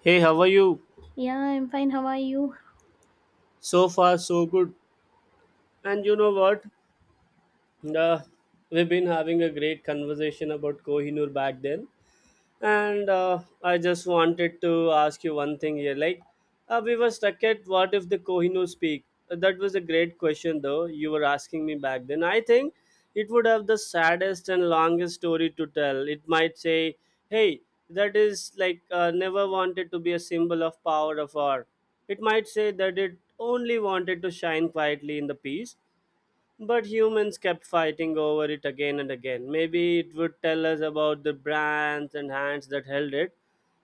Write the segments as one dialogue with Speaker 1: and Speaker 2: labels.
Speaker 1: Hey, how are you?
Speaker 2: Yeah, I'm fine. How are you?
Speaker 1: So far, so good. And you know what? Uh, we've been having a great conversation about Kohinoor back then. And I just wanted to ask you one thing here, like we were stuck at, what if the Kohinoor speak? That was a great question though, you were asking me back then. I think it would have the saddest and longest story to tell. It might say, hey, that is like, never wanted to be a symbol of power of art. It might say that it only wanted to shine quietly in the peace, but humans kept fighting over it again and again. Maybe it would tell us about the brands and hands that held it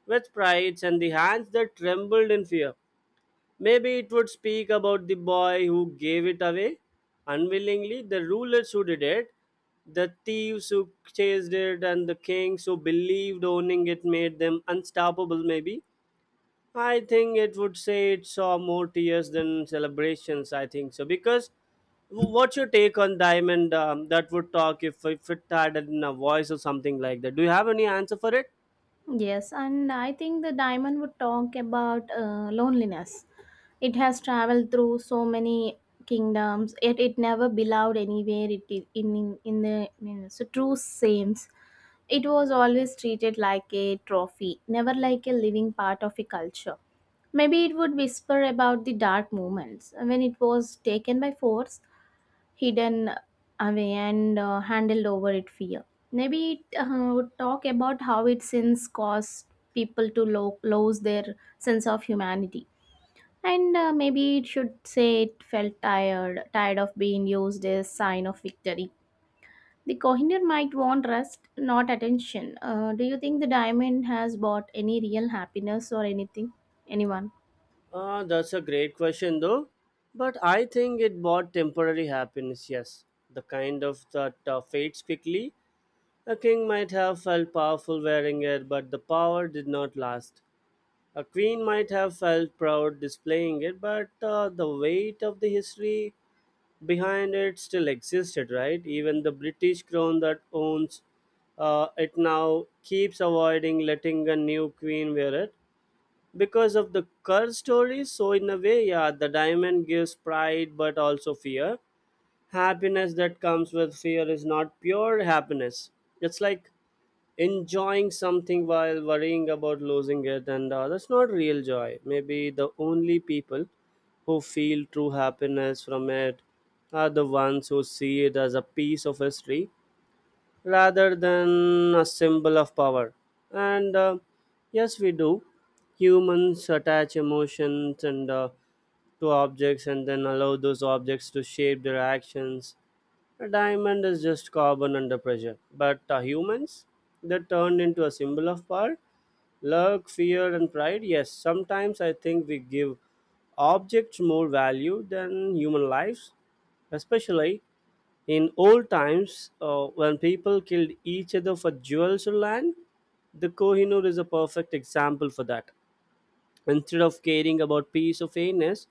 Speaker 1: with pride, and the hands that trembled in fear. Maybe it would speak about the boy who gave it away unwillingly, the rulers who did it, the thieves who chased it, and the kings who believed owning it made them unstoppable, maybe. I think it would say it saw more tears than celebrations. I think so because what's your take on diamond, that would talk if it had in a voice or something like that? Do you have any answer for it?
Speaker 2: Yes, and I think the diamond would talk about loneliness. It has traveled through so many kingdoms, yet it never belonged anywhere. It in the in, so true sames. It was always treated like a trophy, never like a living part of a culture. Maybe it would whisper about the dark moments when it was taken by force, hidden away and handled over it fear. Maybe it would talk about how it since caused people to lose their sense of humanity. And maybe it should say it felt tired, tired of being used as sign of victory. The Kohinoor might want rest, not attention. Do you think the diamond has bought any real happiness or anything? Anyone?
Speaker 1: That's a great question though, but I think it brought temporary happiness. Yes, the kind of that fades quickly. A king might have felt powerful wearing it, but the power did not last. A queen might have felt proud displaying it, but the weight of the history behind it still existed, right? Even the British crown that owns it now keeps avoiding letting a new queen wear it because of the curse stories. So, in a way, yeah, the diamond gives pride but also fear. Happiness that comes with fear is not pure happiness. It's like enjoying something while worrying about losing it, and that's not real joy. Maybe the only people who feel true happiness from it are the ones who see it as a piece of history rather than a symbol of power. And yes, we do. Humans attach emotions and to objects, and then allow those objects to shape their actions. A diamond is just carbon under pressure. But humans, they turned into a symbol of power, luck, fear, and pride. Yes, sometimes I think we give objects more value than human lives, especially in old times when people killed each other for jewels or land. The Kohinoor is a perfect example for that. Instead of caring about peace or fairness,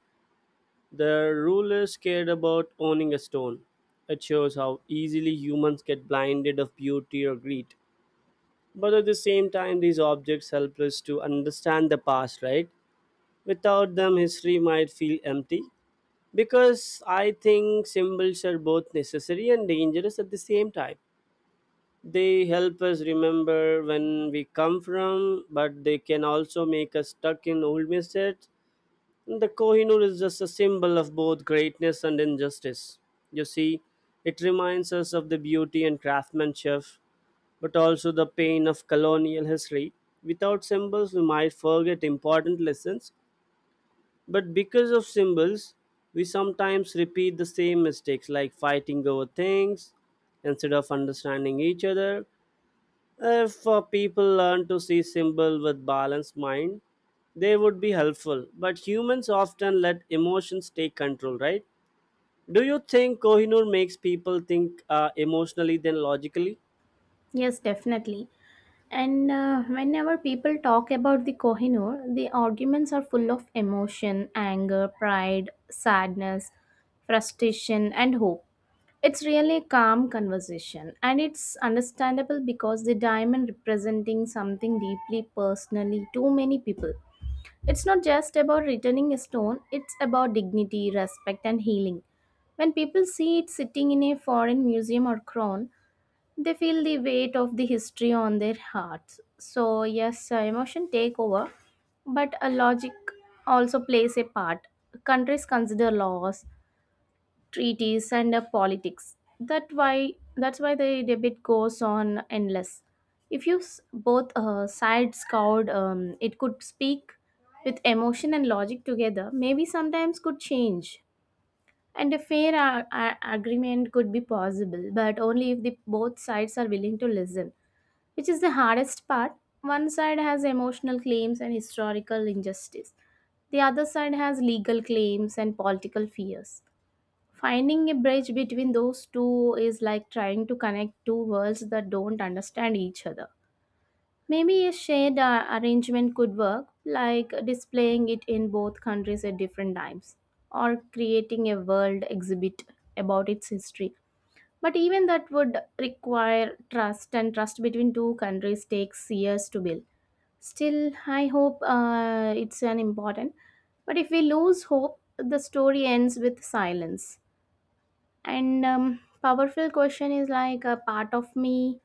Speaker 1: the rulers cared about owning a stone. It shows how easily humans get blinded of beauty or greed. But at the same time, these objects help us to understand the past, right? Without them, history might feel empty. Because I think symbols are both necessary and dangerous at the same time. They help us remember when we come from, but they can also make us stuck in old mistakes. The Kohinoor is just a symbol of both greatness and injustice. You see, it reminds us of the beauty and craftsmanship, but also the pain of colonial history. Without symbols, we might forget important lessons, but because of symbols, we sometimes repeat the same mistakes, like fighting over things instead of understanding each other. If people learn to see symbol with balanced mind, they would be helpful. But humans often let emotions take control, right? Do you think Kohinoor makes people think emotionally than logically?
Speaker 2: Yes, definitely. And whenever people talk about the Kohinoor, the arguments are full of emotion, anger, pride, sadness, frustration, and hope. It's really a calm conversation, and it's understandable because the diamond representing something deeply personally to many people. It's not just about returning a stone, it's about dignity, respect, and healing. When people see it sitting in a foreign museum or crown, they feel the weight of the history on their hearts. So yes, emotion take over, but a logic also plays a part. Countries consider laws, treaties, and politics. That's why the debate goes on endless. If both sides covered, it could speak with emotion and logic together. Maybe sometimes could change and a fair agreement could be possible, but only if the both sides are willing to listen, which is the hardest part. One side has emotional claims and historical injustice, the other side has legal claims and political fears. Finding a bridge between those two is like trying to connect two worlds that don't understand each other. Maybe a shared arrangement could work, like displaying it in both countries at different times, or creating a world exhibit about its history. But even that would require trust, and trust between two countries takes years to build. Still, I hope it's an important. But if we lose hope, the story ends with silence. And powerful question is like a part of me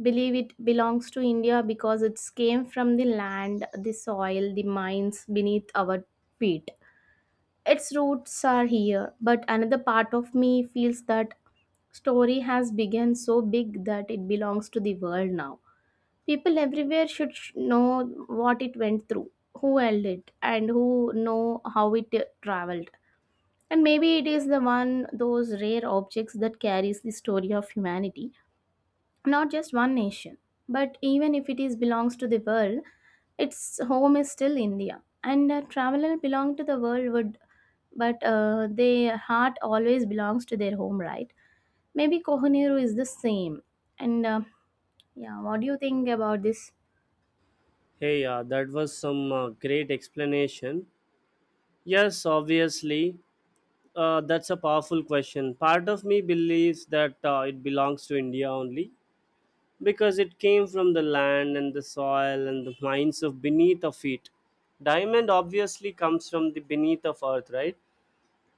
Speaker 2: believe it belongs to India because it's came from the land, the soil, the mines beneath our feet. Its roots are here, but another part of me feels that story has begun so big that it belongs to the world now. People everywhere should know what it went through, who held it, and who know how it traveled. And maybe it is the one those rare objects that carries the story of humanity, not just one nation. But even if it is belongs to the world, its home is still India. And a traveler belong to the world would, but their heart always belongs to their home, right? Maybe Kohinoor is the same. And yeah, what do you think about this?
Speaker 1: Hey, that was some great explanation. Yes, obviously, that's a powerful question. Part of me believes that it belongs to India only, because it came from the land and the soil and the mines of beneath of feet. Diamond obviously comes from the beneath of earth, right?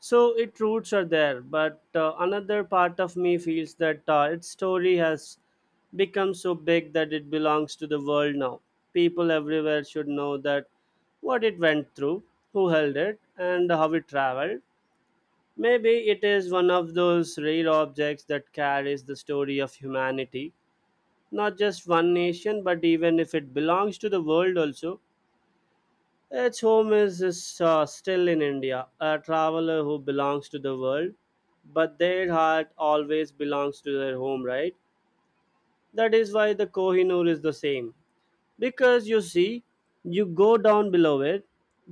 Speaker 1: So its roots are there, but another part of me feels that its story has become so big that it belongs to the world now. People everywhere should know that what it went through, who held it, and how it traveled. Maybe it is one of those rare objects that carries the story of humanity, not just one nation, but even if it belongs to the world also, its home is still in India. A traveler who belongs to the world, but their heart always belongs to their home, right? That is why the Kohinoor is the same. Because you see, you go down below it,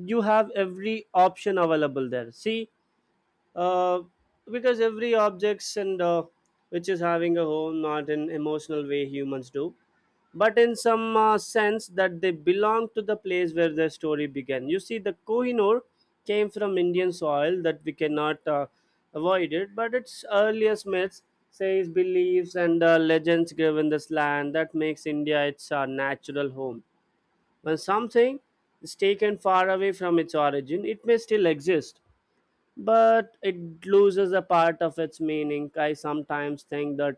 Speaker 1: you have every option available there. See, uh, because every objects and which is having a home, not in emotional way humans do, but in some sense that they belong to the place where their story began. You see, the Kohinoor came from Indian soil that we cannot avoid it, but its earliest myths, says beliefs and legends grew in this land, that makes India its natural home. When something is taken far away from its origin, it may still exist, but it loses a part of its meaning. I sometimes think that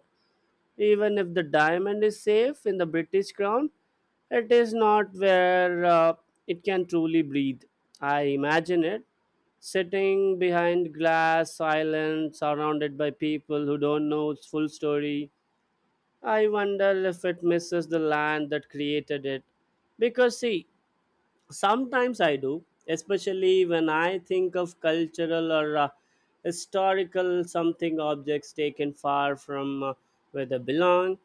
Speaker 1: even if the diamond is safe in the British crown, it is not where it can truly breathe. I imagine it sitting behind glass, silent, surrounded by people who don't know its full story. I wonder if it misses the land that created it. Because, see, sometimes I do, especially when I think of cultural or historical something objects taken far from where they belong.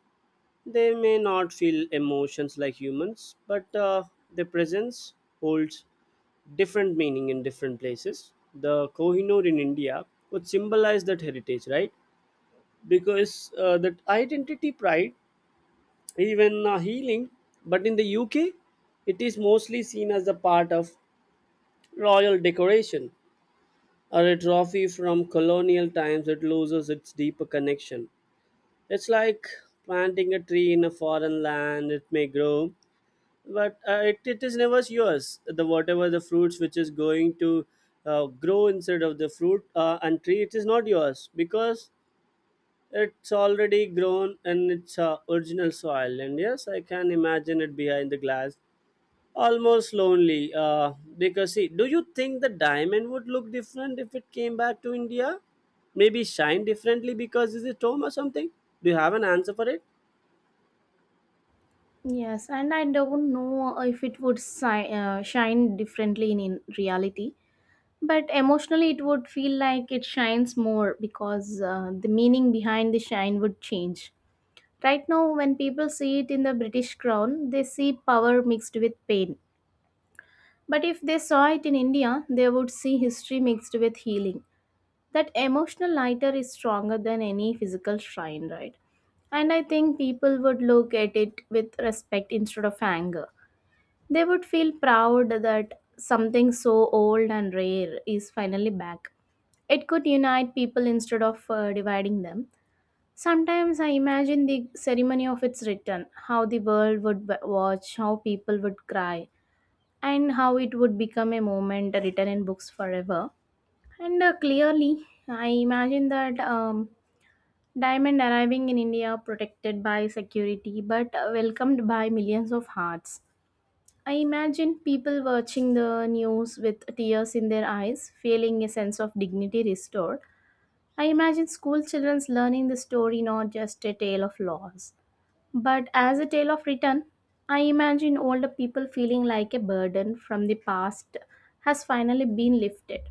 Speaker 1: They may not feel emotions like humans, but their presence holds different meaning in different places. The Kohinoor in India would symbolize that heritage, right? Because that identity pride, even healing, but in the UK, it is mostly seen as a part of royal decoration or a trophy from colonial times that loses its deeper connection. It's like planting a tree in a foreign land, it may grow, but it is never yours. The whatever the fruits which is going to grow inside of the fruit and tree, it is not yours, because it's already grown in its original soil. And yes, I can imagine it behind the glass, almost lonely. Because, see, do you think the diamond would look different if it came back to India? Maybe shine differently because it's a home or something? Do you have an answer for it?
Speaker 2: Yes, and I don't know if it would shine differently in reality, but emotionally it would feel like it shines more because the meaning behind the shine would change. Right now, when people see it in the British crown, they see power mixed with pain. But if they saw it in India, they would see history mixed with healing. That emotional lighter is stronger than any physical shrine, right? And I think people would look at it with respect instead of anger. They would feel proud that something so old and rare is finally back. It could unite people instead of dividing them. Sometimes I imagine the ceremony of its return, how the world would watch, how people would cry, and how it would become a moment written in books forever. And clearly, I imagine that diamond arriving in India, protected by security but welcomed by millions of hearts. I imagine people watching the news with tears in their eyes, feeling a sense of dignity restored. I imagine school children learning the story, not just a tale of loss, but as a tale of return. I imagine older people feeling like a burden from the past has finally been lifted.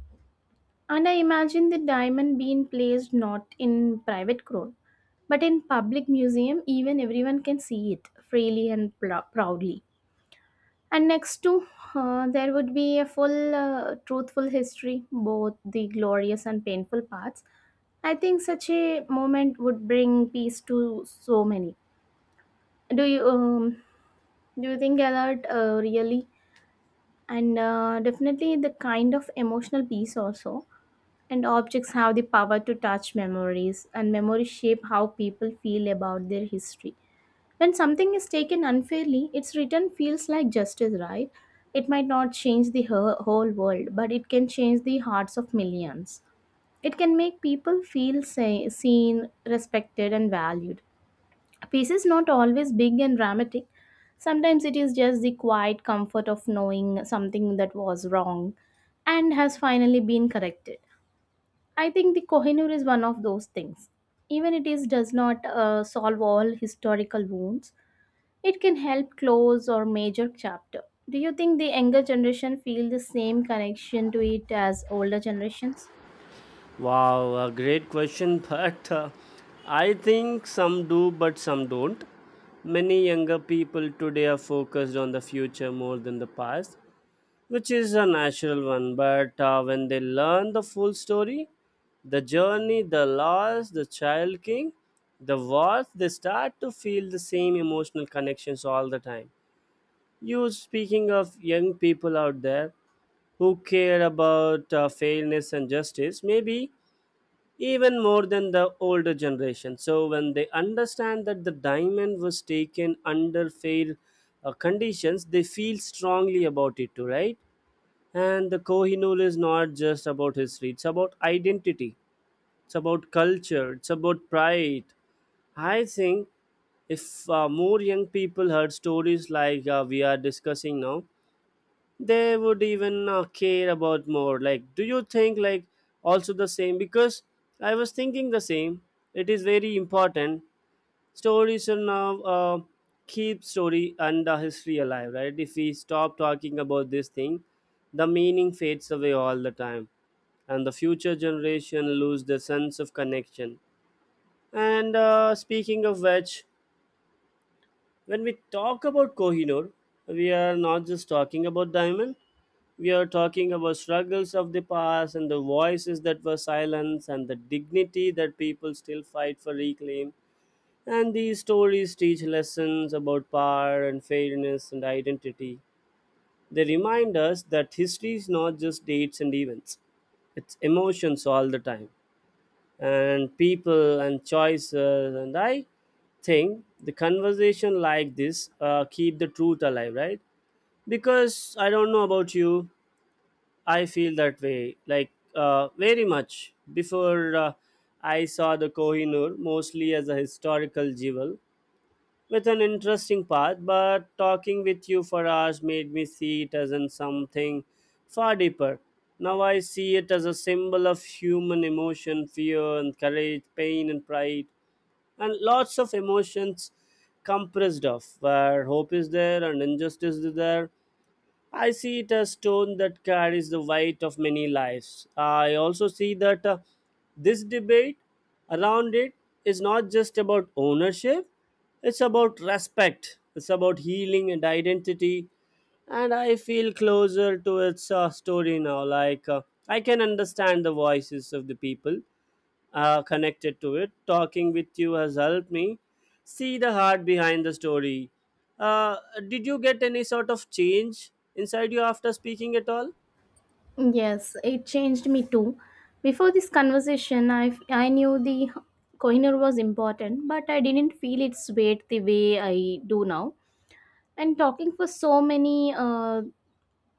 Speaker 2: And I imagine the diamond being placed not in private crown, but in public museum, even everyone can see it freely and proudly. And next to there would be a full, truthful history, both the glorious and painful parts. I think such a moment would bring peace to so many. Do you do you think Gellert really and definitely the kind of emotional piece also, and objects have the power to touch memories, and memories shape how people feel about their history. When something is taken unfairly, its return feels like justice, right? It might not change the whole world, but it can change the hearts of millions. It can make people feel say, seen, respected, and valued. A peace is not always big and dramatic. Sometimes it is just the quiet comfort of knowing something that was wrong and has finally been corrected. I think the Kohinoor is one of those things. Even it is does not solve all historical wounds, it can help close or major chapter. Do you think the younger generation feel the same connection to it as older generations?
Speaker 1: Wow, a great question, but I think some do, but some don't. Many younger people today are focused on the future more than the past, which is a natural one. But when they learn the full story, the journey, the loss, the child king, the wars, they start to feel the same emotional connections all the time. You speaking of young people out there who care about fairness and justice, maybe even more than the older generation. So when they understand that the diamond was taken under fair conditions, they feel strongly about it too, right? And the Kohinoor is not just about history; it's about identity, it's about culture, it's about pride. I think if more young people heard stories like we are discussing now, they would even care about more, like, do you think like also the same? Because I was thinking the same. It is very important. Stories are now, keep story and the history alive, right? If we stop talking about this thing, the meaning fades away all the time, and the future generation lose their sense of connection. And speaking of which, when we talk about Kohinoor, we are not just talking about diamond. We are talking about struggles of the past, and the voices that were silenced, and the dignity that people still fight for reclaim. And these stories teach lessons about power and fairness and identity. They remind us that history is not just dates and events, it's emotions all the time, and people and choices. And I think the conversation like this, keep the truth alive, right? Because I don't know about you, I feel that way like, very much before. I saw the Kohinoor mostly as a historical jewel with an interesting path, but talking with you for hours made me see it as in something far deeper. Now I see it as a symbol of human emotion, fear and courage, pain and pride, and lots of emotions compressed off, where hope is there and injustice is there. I see it as stone that carries the weight of many lives. I also see that this debate around it is not just about ownership, it's about respect, it's about healing and identity. And I feel closer to its story now. Like, I can understand the voices of the people connected to it. Talking with you has helped me see the heart behind the story. Uh, did you get any sort of change inside you after speaking at all?
Speaker 2: Yes, it changed me too. Before this conversation, I knew the coiner was important, but I didn't feel its weight the way I do now. And talking for so many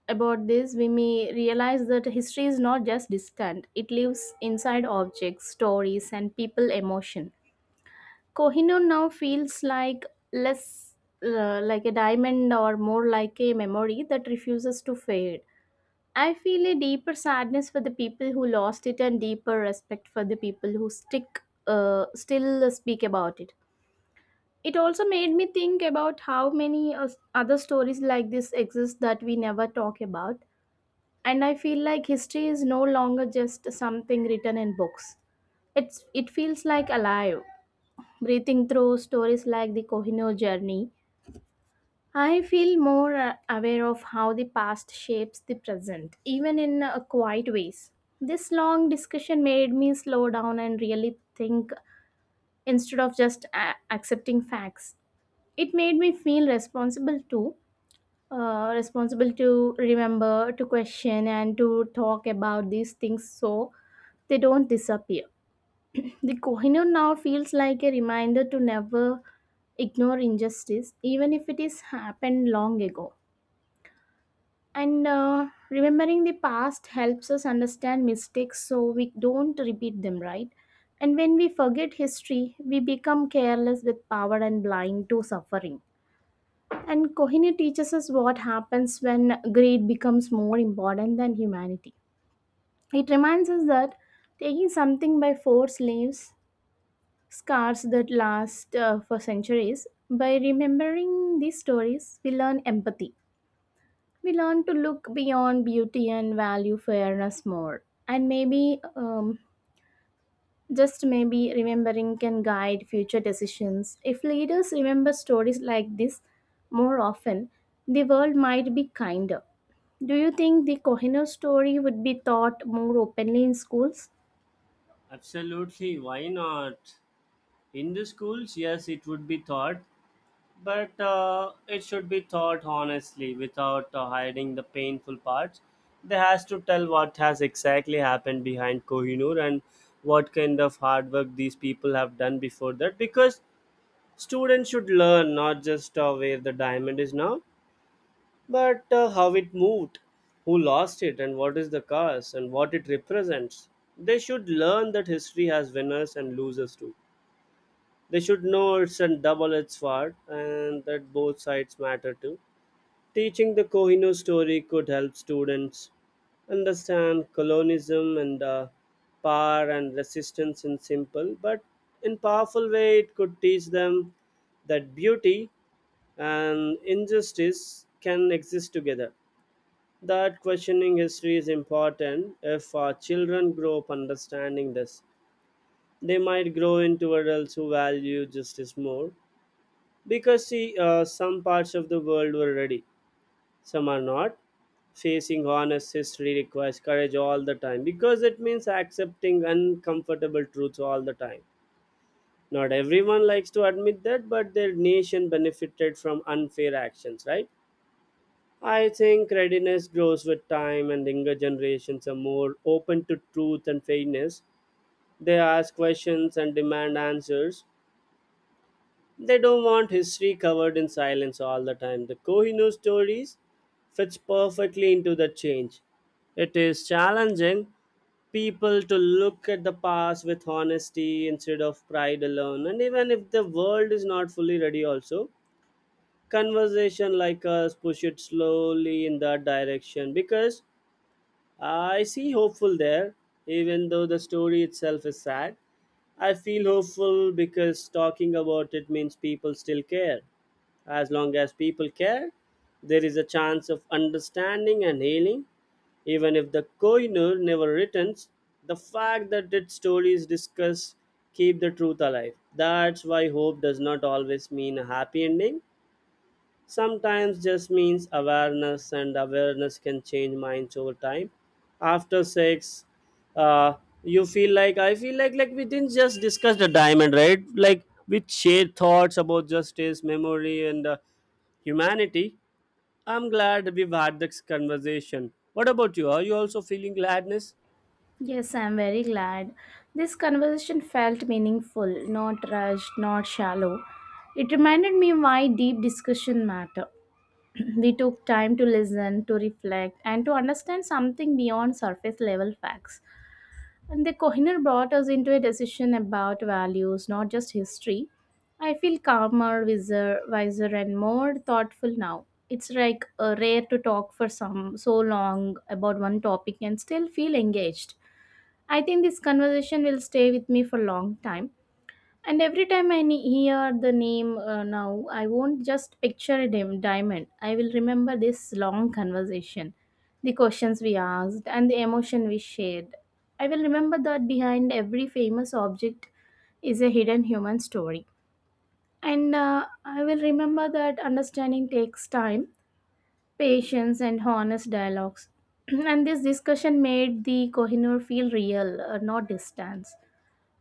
Speaker 2: about this, we may realize that history is not just distant, it lives inside objects, stories, and people emotion. Kohinoor now feels like less, like a diamond, or more like a memory that refuses to fade. I feel a deeper sadness for the people who lost it and deeper respect for the people who stick still speak about it. It also made me think about how many other stories like this exist that we never talk about. And I feel like history is no longer just something written in books. It feels like alive, breathing through stories like the Kohinoor journey. I feel more aware of how the past shapes the present, even in quiet ways. This long discussion made me slow down and really think instead of just accepting facts. It made me feel responsible too, responsible to remember, to question, and to talk about these things so they don't disappear. The Kohinoor now feels like a reminder to never ignore injustice, even if it is happened long ago. And remembering the past helps us understand mistakes so we don't repeat them, right? And when we forget history, we become careless with power and blind to suffering. And Kohinoor teaches us what happens when greed becomes more important than humanity. It reminds us that taking something by force leaves scars that last for centuries. By remembering these stories, we learn empathy. We learn to look beyond beauty and value fairness more. And maybe, just maybe, remembering can guide future decisions. If leaders remember stories like this more often, the world might be kinder. Do you think the Kohinoor story would be taught more openly in schools?
Speaker 1: Absolutely, why not? In the schools, yes, it would be taught, but it should be taught honestly without hiding the painful parts. They has to tell what has exactly happened behind Kohinoor and what kind of hard work these people have done before that because students should learn not just where the diamond is now, but how it moved, who lost it, and what is the cause, and what it represents. They should learn that history has winners and losers too. They should know it's a double edged sword and that both sides matter too. Teaching the Kohinoor story could help students understand colonialism and power and resistance in simple but in powerful way. It could teach them that beauty and injustice can exist together. That questioning history is important. If our children grow up understanding this, they might grow into adults who value justice more. Because, see, some parts of the world were ready, some are not. Facing honest history requires courage all the time because it means accepting uncomfortable truths all the time. Not everyone likes to admit that, but their nation benefited from unfair actions, right? I think readiness grows with time, and younger generations are more open to truth and fairness. They ask questions and demand answers. They don't want history covered in silence all the time. The Kohinoor stories fits perfectly into the change. It is challenging people to look at the past with honesty instead of pride alone. And even if the world is not fully ready, also, conversation like us push it slowly in that direction because I see hopeful there, even though the story itself is sad. I feel hopeful because talking about it means people still care. As long as people care, there is a chance of understanding and healing. Even if the Kohinoor never returns, the fact that its stories discuss keep the truth alive. That's why hope does not always mean a happy ending. Sometimes just means awareness, and awareness can change minds over time after sex. uh, you feel like, I feel like we didn't just discuss the diamond, right? Like we shared thoughts about justice, memory, and humanity. I'm glad we've had this conversation. What about you? Are you also feeling gladness?
Speaker 2: Yes, I'm very glad. This conversation felt meaningful, not rushed, not shallow. It reminded me why deep discussion matter. They took time to listen, to reflect, and to understand something beyond surface level facts. And the Kohinoor brought us into a decision about values, not just history. I feel calmer, wiser, and more thoughtful now. It's like rare to talk for some so long about one topic and still feel engaged. I think this conversation will stay with me for a long time, and every time I hear the name now, I won't just picture a dim diamond. I will remember this long conversation, the questions we asked, and the emotion we shared. I will remember that behind every famous object is a hidden human story. And I will remember that understanding takes time, patience, and honest dialogues. And this discussion made the Kohinoor feel real, not distance,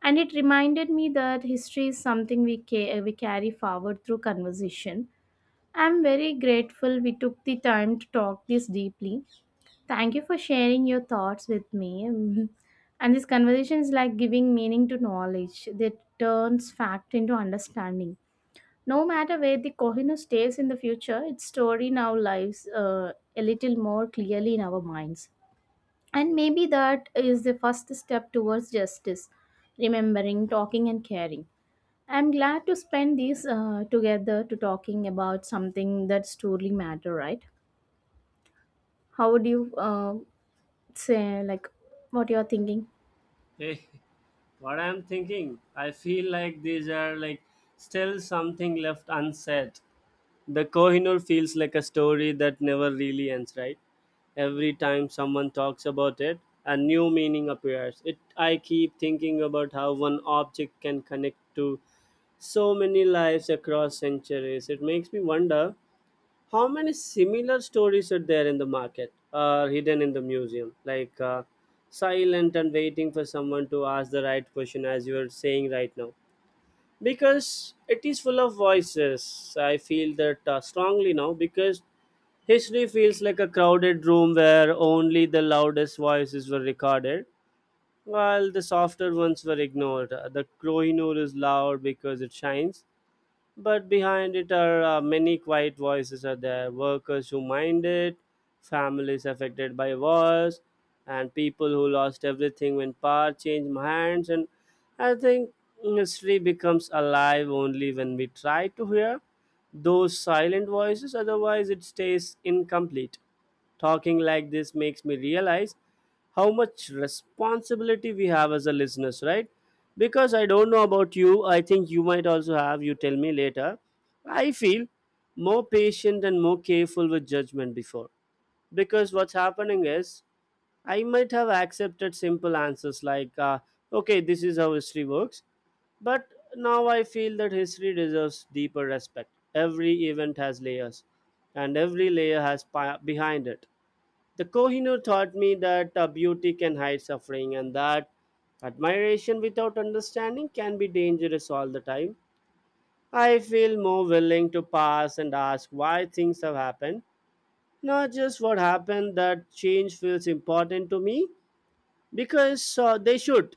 Speaker 2: and it reminded me that history is something we carry forward through conversation. I'm very grateful we took the time to talk this deeply. Thank you for sharing your thoughts with me. Mhm. And this conversation is like giving meaning to knowledge that turns fact into understanding. No matter where the Kohino stays in the future, its story now lives a little more clearly in our minds. And maybe that is the first step towards justice: remembering, talking, and caring. I'm glad to spend these together to talking about something that's truly matter, right? How would you say like what you're thinking?
Speaker 1: Hey. What I'm thinking, I feel like these are still something left unsaid. The Kohinoor feels like a story that never really ends, right? Every time someone talks about it, a new meaning appears. It I keep thinking about how one object can connect to so many lives across centuries. It makes me wonder how many similar stories are there in the market or hidden in the museum, like silent and waiting for someone to ask the right question, as you are saying right now, because it is full of voices. I feel that strongly now because history feels like a crowded room where only the loudest voices were recorded while the softer ones were ignored. The Kohinoor is loud because it shines, but behind it are many quiet voices. Are there workers who mind it, families affected by wars, and people who lost everything when power changed hands? And I think history becomes alive only when we try to hear those silent voices, otherwise it stays incomplete. Talking like this makes me realize how much responsibility we have as a listeners, right? Because I don't know about you, I think you might also have, you tell me later. I feel more patient and more careful with judgment before, because what's happening is I might have accepted simple answers like okay, this is how history works, but now I feel that history deserves deeper respect. Every event has layers, and every layer has behind it. The Kohinoor taught me that beauty can hide suffering and that admiration without understanding can be dangerous all the time. I feel more willing to pass and ask why things have happened, not just what happened. That change feels important to me because they should,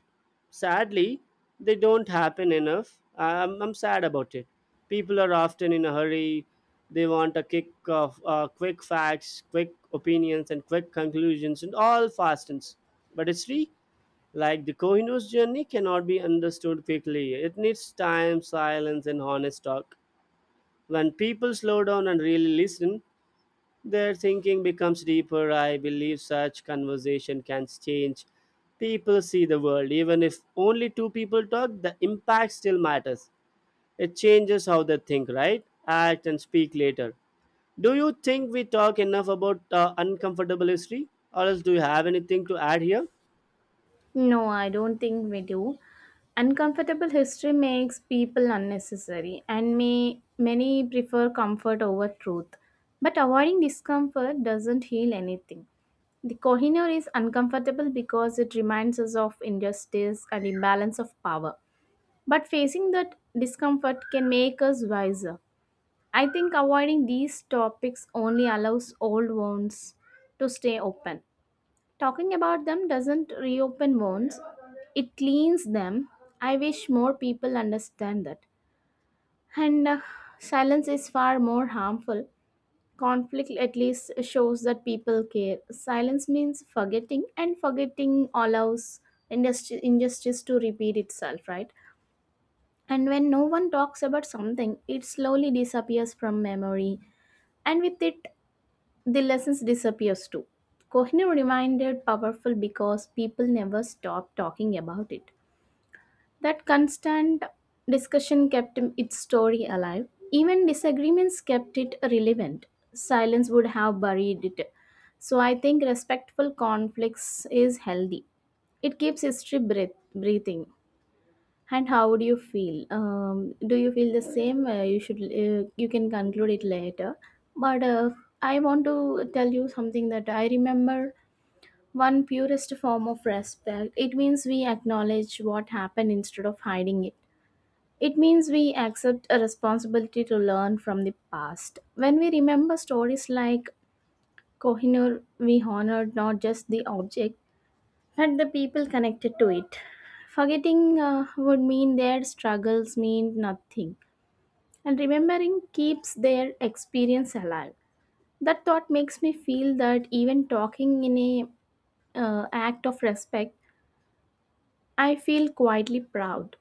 Speaker 1: sadly they don't happen enough. I'm sad about it. People are often in a hurry. They want a kick of quick facts, quick opinions, and quick conclusions, and all fastens, but it's free. Like the kohinoor's journey cannot be understood quickly. It needs time, silence, and honest talk. When people slow down and really listen, their thinking becomes deeper. I believe such conversation can change. People see the world. Even if only two people talk, the impact still matters. It changes how they think, right? Act and speak later. Do you think we talk enough about uncomfortable history? Or else, do you have anything to add here?
Speaker 2: No, I don't think we do. Uncomfortable history makes people unnecessary and may many prefer comfort over truth. But avoiding discomfort doesn't heal anything. The Kohinoor is uncomfortable because it reminds us of injustice and imbalance of power. But facing that discomfort can make us wiser. I think avoiding these topics only allows old wounds to stay open. Talking about them doesn't reopen wounds, it cleans them. I wish more people understand that. And silence is far more harmful. Conflict at least shows that people care. Silence means forgetting, and forgetting allows injustice to repeat itself, right? And when no one talks about something, it slowly disappears from memory, and with it, the lessons disappears too. Kohinoor reminded powerful because people never stopped talking about it. That constant discussion kept its story alive. Even disagreements kept it relevant. Silence would have buried it. So I think respectful conflicts is healthy. It keeps history breathing. And how do you feel? Do you feel the same? You should. You can conclude it later. But I want to tell you something that I remember. One purest form of respect. It means we acknowledge what happened instead of hiding it. It means we accept a responsibility to learn from the past. When we remember stories like Kohinoor, we honored not just the object and the people connected to it. Forgetting would mean their struggles mean nothing, and remembering keeps their experience alive. That thought makes me feel that even talking in a act of respect, I feel quietly proud.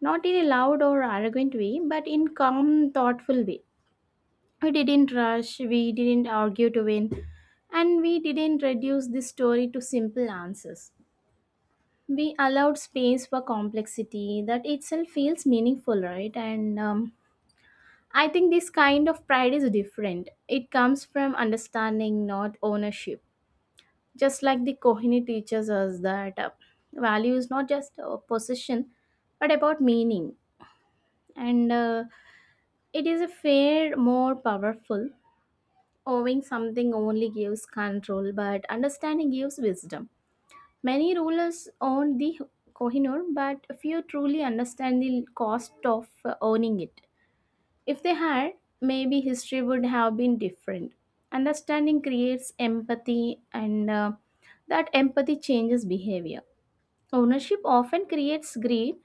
Speaker 2: Not in a loud or arrogant way, but in calm, thoughtful way. We didn't rush, we didn't argue to win, and we didn't reduce this story to simple answers. We allowed space for complexity that itself feels meaningful, right? And I think this kind of pride is different. It comes from understanding, not ownership. Just like the kohini teaches us that, value is not just a possession, but about meaning. And it is a fair more powerful. Owning something only gives control, but understanding gives wisdom. Many rulers own the Kohinoor, but few truly understand the cost of owning it. If they had, maybe history would have been different. Understanding creates empathy, and that empathy changes behavior. Ownership often creates greed.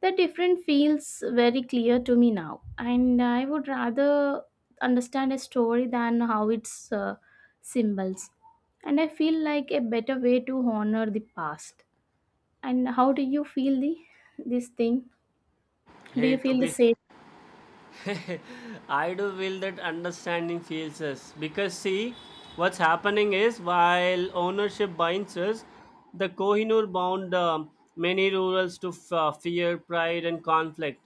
Speaker 2: The difference feels very clear to me now, and I would rather understand a story than how its symbols. And I feel like a better way to honor the past. And how do you feel the this thing? Do you
Speaker 1: Hey, to
Speaker 2: feel the
Speaker 1: be.
Speaker 2: same?
Speaker 1: I do feel that understanding fails us because, see, what's happening is while ownership binds us, the Kohinoor bound many rurals to fear, pride, and conflict.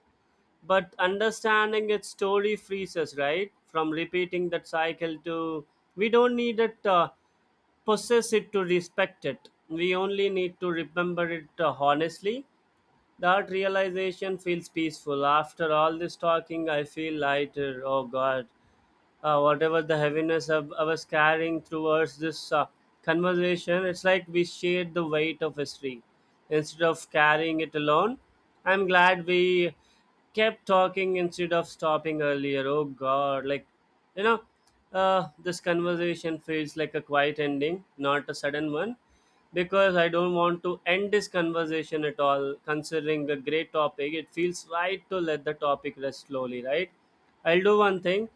Speaker 1: But understanding its story frees us, right, from repeating that cycle to. We don't need it. Possess it to respect it. We only need to remember it honestly. That realization feels peaceful. After all this talking, I feel lighter. Oh God, whatever the heaviness of, I was carrying towards this conversation, it's like we shared the weight of history. Instead of carrying it alone, I'm glad we kept talking instead of stopping earlier. Oh God, like, you know, this conversation feels like a quiet ending, not a sudden one, because I don't want to end this conversation at all. Considering the great topic, it feels right to let the topic rest slowly, right? I'll do one thing.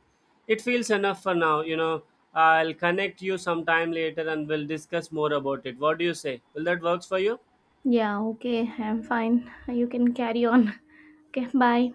Speaker 1: It feels enough for now, you know. I'll connect you sometime later and we'll discuss more about it. What do you say? Will that works for you?
Speaker 2: Yeah, okay, I'm fine. You can carry on. Okay, bye.